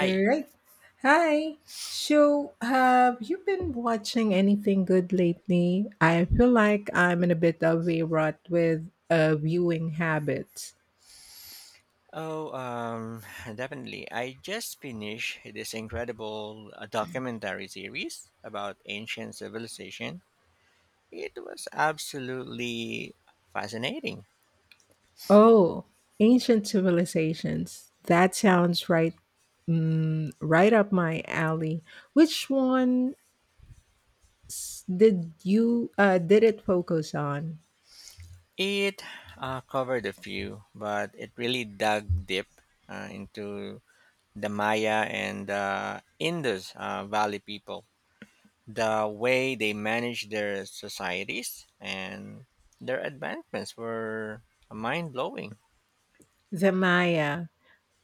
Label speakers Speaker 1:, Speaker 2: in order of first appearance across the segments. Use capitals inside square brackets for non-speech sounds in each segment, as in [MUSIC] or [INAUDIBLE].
Speaker 1: All right. Hi. So, have you been watching anything good lately? I feel like I'm in a bit of a rut with viewing habits.
Speaker 2: Oh, [SIGHS] definitely. I just finished this incredible documentary series about ancient civilization. It was absolutely fascinating.
Speaker 1: Oh, ancient civilizations. That sounds right. Mm, right up my alley. Which one did you did it focus on?
Speaker 2: It covered a few, but it really dug deep into the Maya and the Indus Valley people, the way they managed their societies and their advancements were mind blowing.
Speaker 1: The Maya.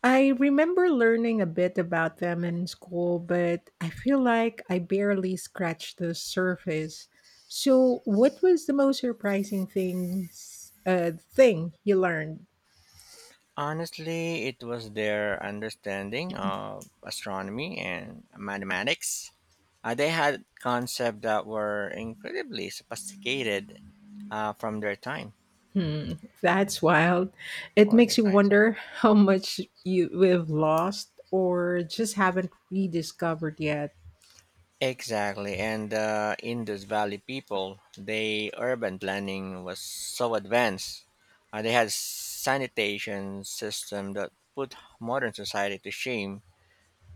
Speaker 1: I remember learning a bit about them in school, but I feel like I barely scratched the surface. So, what was the most surprising thing you learned?
Speaker 2: Honestly, it was their understanding of astronomy and mathematics. They had concepts that were incredibly sophisticated from their time
Speaker 1: Hmm, that's wild. It
Speaker 2: or
Speaker 1: makes
Speaker 2: their
Speaker 1: you
Speaker 2: times.
Speaker 1: wonder how much you we've lost or just haven't rediscovered yet.
Speaker 2: Exactly, and the Indus Valley people, they urban planning was so advanced. They had sanitation system that put modern society to shame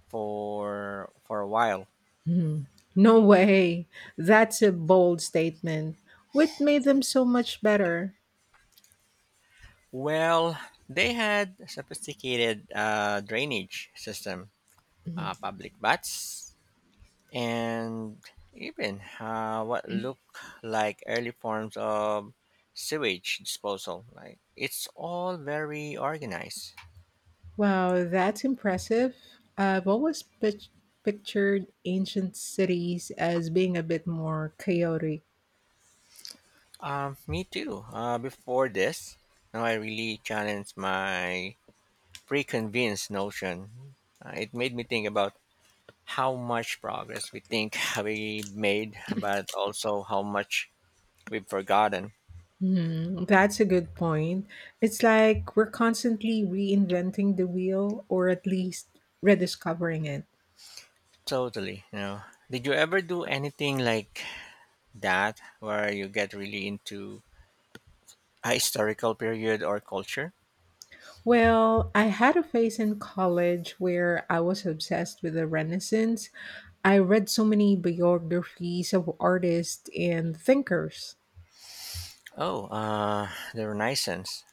Speaker 2: for a while.
Speaker 1: Hmm. No way. That's a bold statement. What made them so much better?
Speaker 2: Well, they had a sophisticated drainage system,
Speaker 1: Hmm.
Speaker 2: public baths, and even what looked like early forms of sewage disposal. Like it's all very organized.
Speaker 1: Wow, that's impressive. I've always pic- pictured ancient cities as being a bit more chaotic.
Speaker 2: Me too. Before this, now I really challenged my preconceived notion. It made me think about how much progress we think [LAUGHS] we made, but also how much we've forgotten.
Speaker 1: Hmm, that's a good point. It's like we're constantly reinventing the wheel, or at least rediscovering it.
Speaker 2: Totally. You know, did you ever do anything like that where you get really into a historical period or culture?
Speaker 1: Well, I had a phase in college where I was obsessed with the Renaissance. I read so many biographies of artists and thinkers.
Speaker 2: Oh, the Renaissance.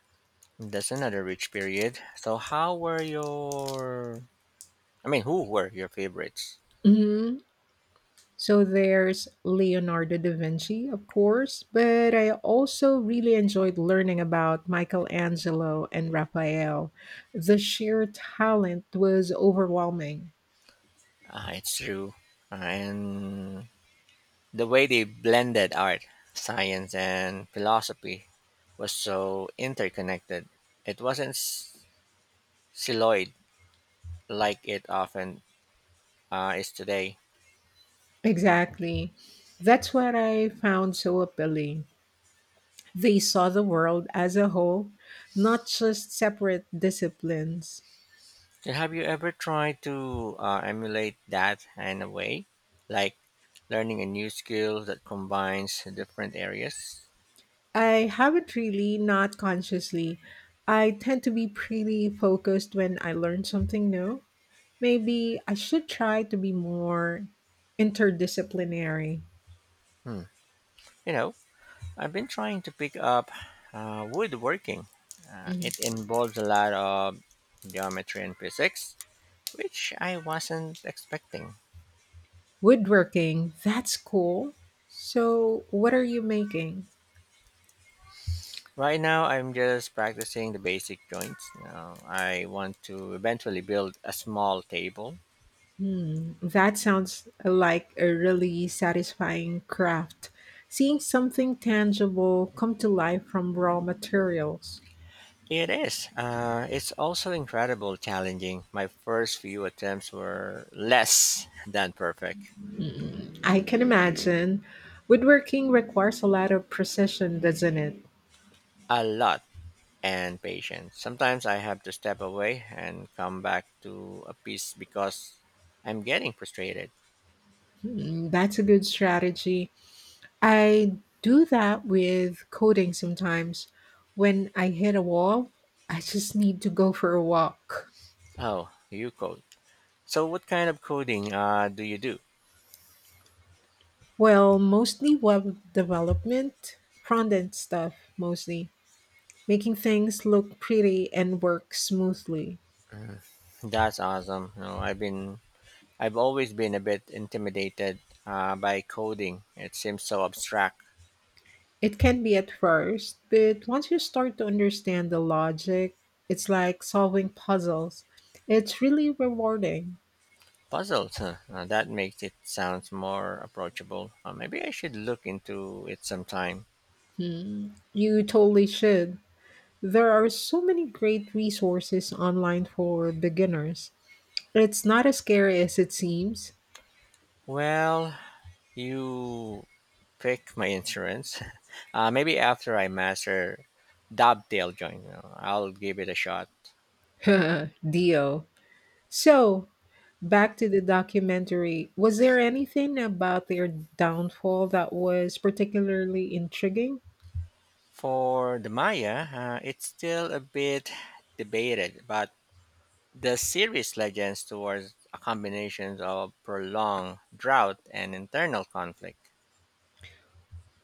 Speaker 2: That's another rich period. So, how were your? I mean, who were your favorites?
Speaker 1: Mhm. So there's Leonardo da Vinci, of course, but I also really enjoyed learning about Michelangelo and Raphael. The sheer talent was overwhelming.
Speaker 2: Ah, it's true, and the way they blended art, science, and philosophy was so interconnected. It wasn't siloed like it often is today.
Speaker 1: Exactly. That's what I found so appealing. They saw the world as a whole, not just separate disciplines.
Speaker 2: So have you ever tried to emulate that in a way, like learning a new skill that combines different areas?
Speaker 1: I haven't really, not consciously. I tend to be pretty focused when I learn something new. Maybe I should try to be more interdisciplinary.
Speaker 2: Hmm. You know, I've been trying to pick up woodworking. Uh,
Speaker 1: Mhm.
Speaker 2: it involves a lot of geometry and physics, which I wasn't expecting.
Speaker 1: Woodworking, that's cool. So, what are you making?
Speaker 2: Right now, I'm just practicing the basic joints. You know, I want to eventually build a small table.
Speaker 1: Hmm, that sounds like a really satisfying craft. Seeing something tangible come to life from raw materials.
Speaker 2: It is. It's also incredible challenging. My first few attempts were less than perfect.
Speaker 1: Mm, I can imagine. Woodworking requires a lot of precision, doesn't it?
Speaker 2: A lot and patient. Sometimes I have to step away and come back to a piece because I'm getting frustrated.
Speaker 1: Hmm, that's a good strategy. I do that with coding sometimes. When I hit a wall, I just need to go for a walk.
Speaker 2: Oh, you code. So what kind of coding do you do?
Speaker 1: Well, mostly web development, front end stuff, mostly. Making things look pretty and work smoothly.
Speaker 2: Mm, that's awesome. You know, I've always been a bit intimidated by coding. It seems so abstract.
Speaker 1: It can be at first, but once you start to understand the logic, it's like solving puzzles. It's really rewarding.
Speaker 2: Puzzles, huh? [LAUGHS] That makes it sounds more approachable. Maybe I should look into it sometime.
Speaker 1: Hmm. You totally should. There are so many great resources online for beginners. It's not as scary as it seems.
Speaker 2: Well, you pick my insurance. [LAUGHS] Maybe after I master dovetail joint, you know, I'll give it a shot.
Speaker 1: [LAUGHS] Dio. So, back to the documentary. Was there anything about their downfall that was particularly intriguing?
Speaker 2: For the Maya, it's still a bit debated, but the series legends towards a combination of prolonged drought and internal conflict,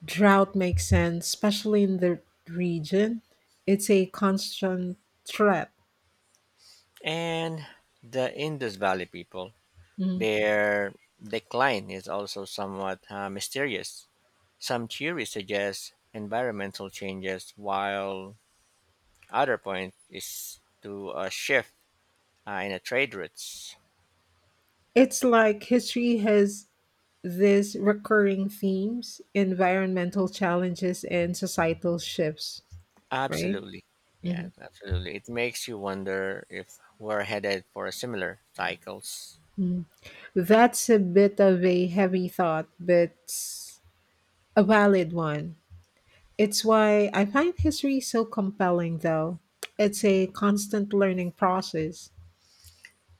Speaker 1: Drought makes sense, especially in the region. It's a constant threat.
Speaker 2: and the Indus Valley people.
Speaker 1: Mhm.
Speaker 2: Their decline is also somewhat mysterious. Some theories suggest environmental changes, while other point is to a shift in the trade routes.
Speaker 1: It's like history has these recurring themes, environmental challenges and societal shifts, right?
Speaker 2: Absolutely. Yes,
Speaker 1: Mhm.
Speaker 2: absolutely. It makes you wonder if we're headed for similar cycles.
Speaker 1: Mm. That's a bit of a heavy thought, but a valid one. It's why I find history so compelling, though. It's a constant learning process.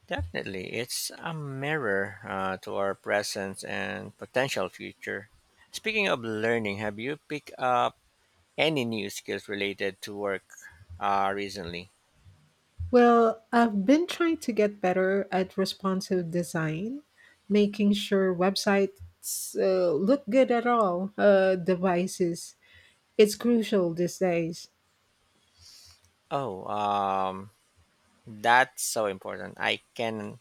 Speaker 2: Definitely. It's a mirror to our present and potential future. Speaking of learning, have you picked up any new skills related to work recently?
Speaker 1: Well, I've been trying to get better at responsive design, making sure websites look good at all devices. It's crucial these days.
Speaker 2: Oh, that's so important. I can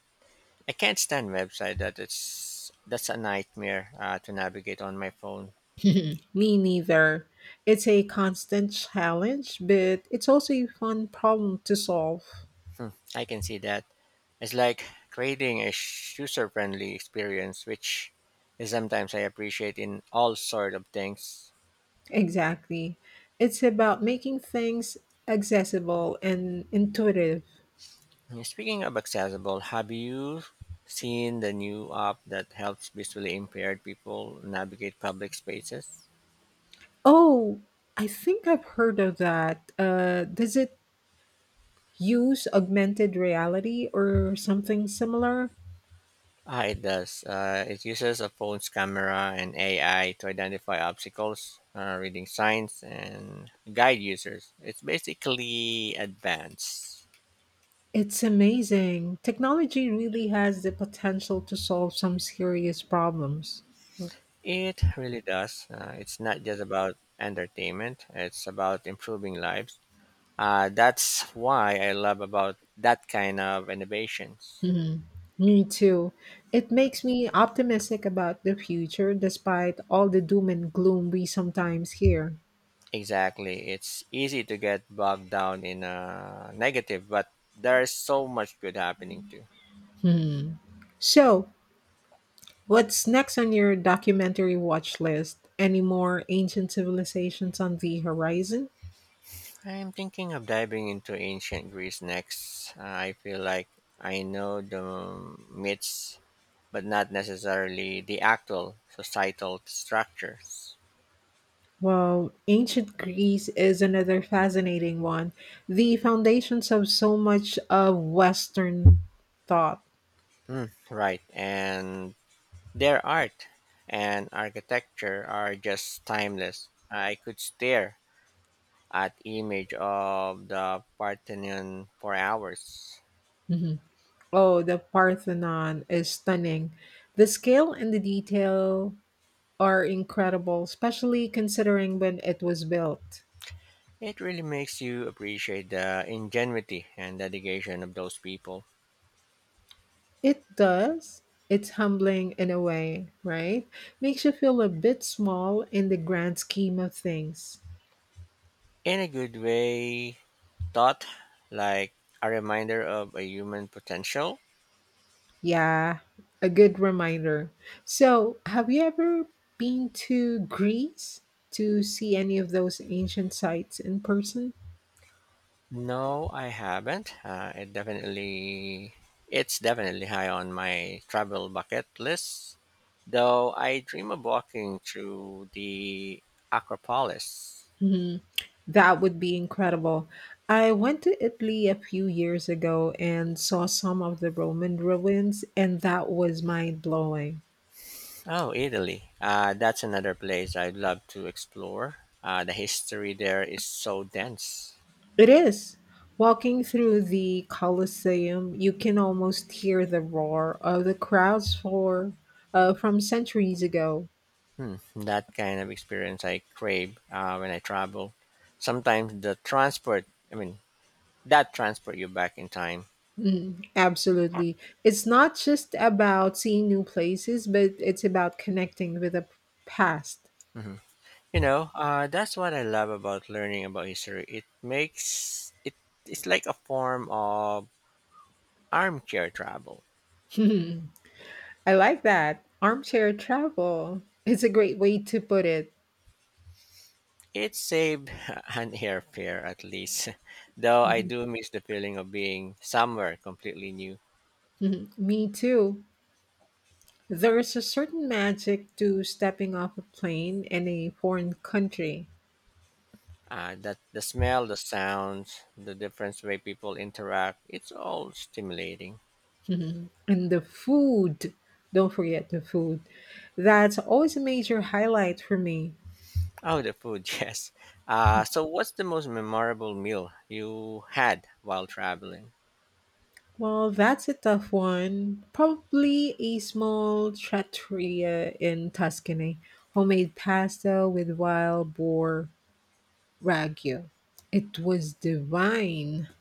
Speaker 2: I can't stand website that it's that's a nightmare to navigate on my phone.
Speaker 1: [LAUGHS] Me neither. It's a constant challenge, but it's also a fun problem to solve.
Speaker 2: Hmm, I can see that. It's like creating a user friendly experience, which is sometimes I appreciate in all sort of things.
Speaker 1: Exactly. It's about making things accessible and intuitive.
Speaker 2: Speaking of accessible, have you seen the new app that helps visually impaired people navigate public spaces?
Speaker 1: Oh, I think I've heard of that. Does it use augmented reality or something similar.
Speaker 2: Ah, it does. It uses a phone's camera and AI to identify obstacles, reading signs, and guide users. It's basically advanced.
Speaker 1: It's amazing. Technology really has the potential to solve some serious problems.
Speaker 2: It really does. It's not just about entertainment, it's about improving lives. That's why I love about that kind of innovations.
Speaker 1: Hmm, me too. It makes me optimistic about the future despite all the doom and gloom we sometimes hear.
Speaker 2: Exactly. It's easy to get bogged down in negative, but there's so much good happening too.
Speaker 1: Hmm. So, what's next on your documentary watch list? Any more ancient civilizations on the horizon?
Speaker 2: I'm thinking of diving into ancient Greece next. I feel like I know the myths, but not necessarily the actual societal structures.
Speaker 1: Well, ancient Greece is another fascinating one. The foundations of so much of Western thought.
Speaker 2: Mm, right, and their art and architecture are just timeless. I could stare at image of the Parthenon for hours.
Speaker 1: Mhm. Oh, the Parthenon is stunning. The scale and the detail are incredible, especially considering when it was built.
Speaker 2: It really makes you appreciate the ingenuity and dedication of those people.
Speaker 1: It does. It's humbling in a way, right? Makes you feel a bit small in the grand scheme of things.
Speaker 2: In a good way, thought like a reminder of a human potential.
Speaker 1: Yeah, a good reminder. So, have you ever been to Greece to see any of those ancient sites in person?
Speaker 2: No, I haven't. It's definitely high on my travel bucket list. Though I dream of walking through the Acropolis.
Speaker 1: Mhm. That would be incredible. I went to Italy a few years ago and saw some of the Roman ruins, and that was mind blowing.
Speaker 2: Oh, Italy. That's another place I'd love to explore. The history there is so dense.
Speaker 1: It is. Walking through the Colosseum, you can almost hear the roar of the crowds for from centuries ago.
Speaker 2: Hmm, that kind of experience I crave when I travel. Sometimes the transport, I mean, that transport you back in time.
Speaker 1: Mhm, absolutely. It's not just about seeing new places, but it's about connecting with the past.
Speaker 2: Hmm, you know, that's what I love about learning about history. It makes it it's like a form of armchair travel.
Speaker 1: [LAUGHS] I like that. Armchair travel. It's a great way to put it.
Speaker 2: It saved [LAUGHS] an airfare at least, [LAUGHS] though I
Speaker 1: Mhm.
Speaker 2: do miss the feeling of being somewhere completely new.
Speaker 1: Mhm. Me too. There is a certain magic to stepping off a plane in a foreign country.
Speaker 2: That the smell, the sounds, the different way people interact, it's all stimulating.
Speaker 1: Mhm. And the food, don't forget the food. That's always a major highlight for me.
Speaker 2: Oh, the food, [LAUGHS] yes. So, what's the most memorable meal you had while traveling?
Speaker 1: Well, that's a tough one. Probably a small trattoria in Tuscany. Homemade pasta with wild boar ragu. It was divine. [LAUGHS]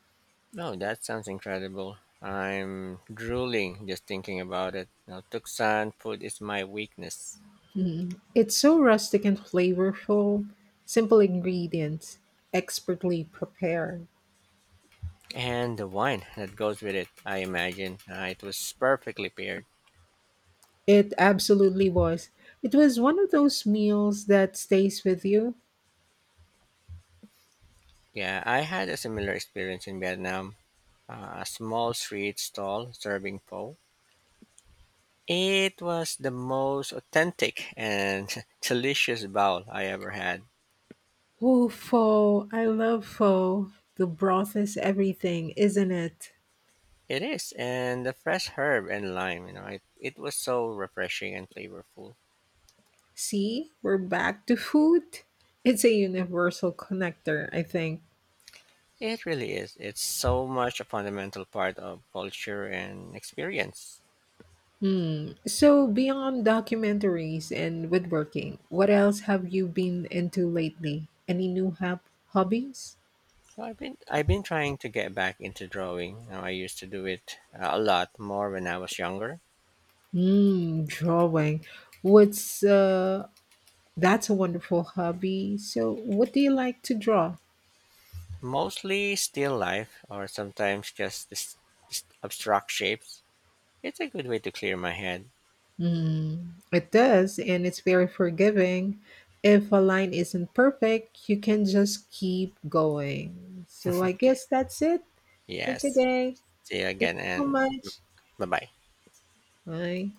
Speaker 2: Oh, that sounds incredible. I'm drooling just thinking about it. Now, Tucson food is my weakness.
Speaker 1: Mhm. It's so rustic and flavorful. Simple ingredients, expertly prepared.
Speaker 2: And the wine that goes with it, I imagine. It was perfectly paired.
Speaker 1: It absolutely was. It was one of those meals that stays with you.
Speaker 2: Yeah, I had a similar experience in Vietnam. A small street stall serving pho. It was the most authentic and [LAUGHS] delicious bowl I ever had.
Speaker 1: Oh, pho. I love pho. The broth is everything, isn't it?
Speaker 2: It is, and the fresh herb and lime, you know, it was so refreshing and flavorful.
Speaker 1: See, we're back to food. It's a universal connector, I think.
Speaker 2: It really is. It's so much a fundamental part of culture and experience.
Speaker 1: Hmm. So, beyond documentaries and woodworking, what else have you been into lately? Any new hobbies?
Speaker 2: So I've been trying to get back into drawing. You know, I used to do it a lot more when I was younger.
Speaker 1: Hmm, drawing. What's That's a wonderful hobby. So, what do you like to draw?
Speaker 2: Mostly still life, or sometimes just this abstract shapes. It's a good way to clear my head.
Speaker 1: Mm, it does, and it's very forgiving. If a line isn't perfect, you can just keep going. So, I guess that's it for
Speaker 2: Yes.
Speaker 1: today.
Speaker 2: See you
Speaker 1: Thank
Speaker 2: again,
Speaker 1: you
Speaker 2: and
Speaker 1: so much.
Speaker 2: bye bye.
Speaker 1: Bye.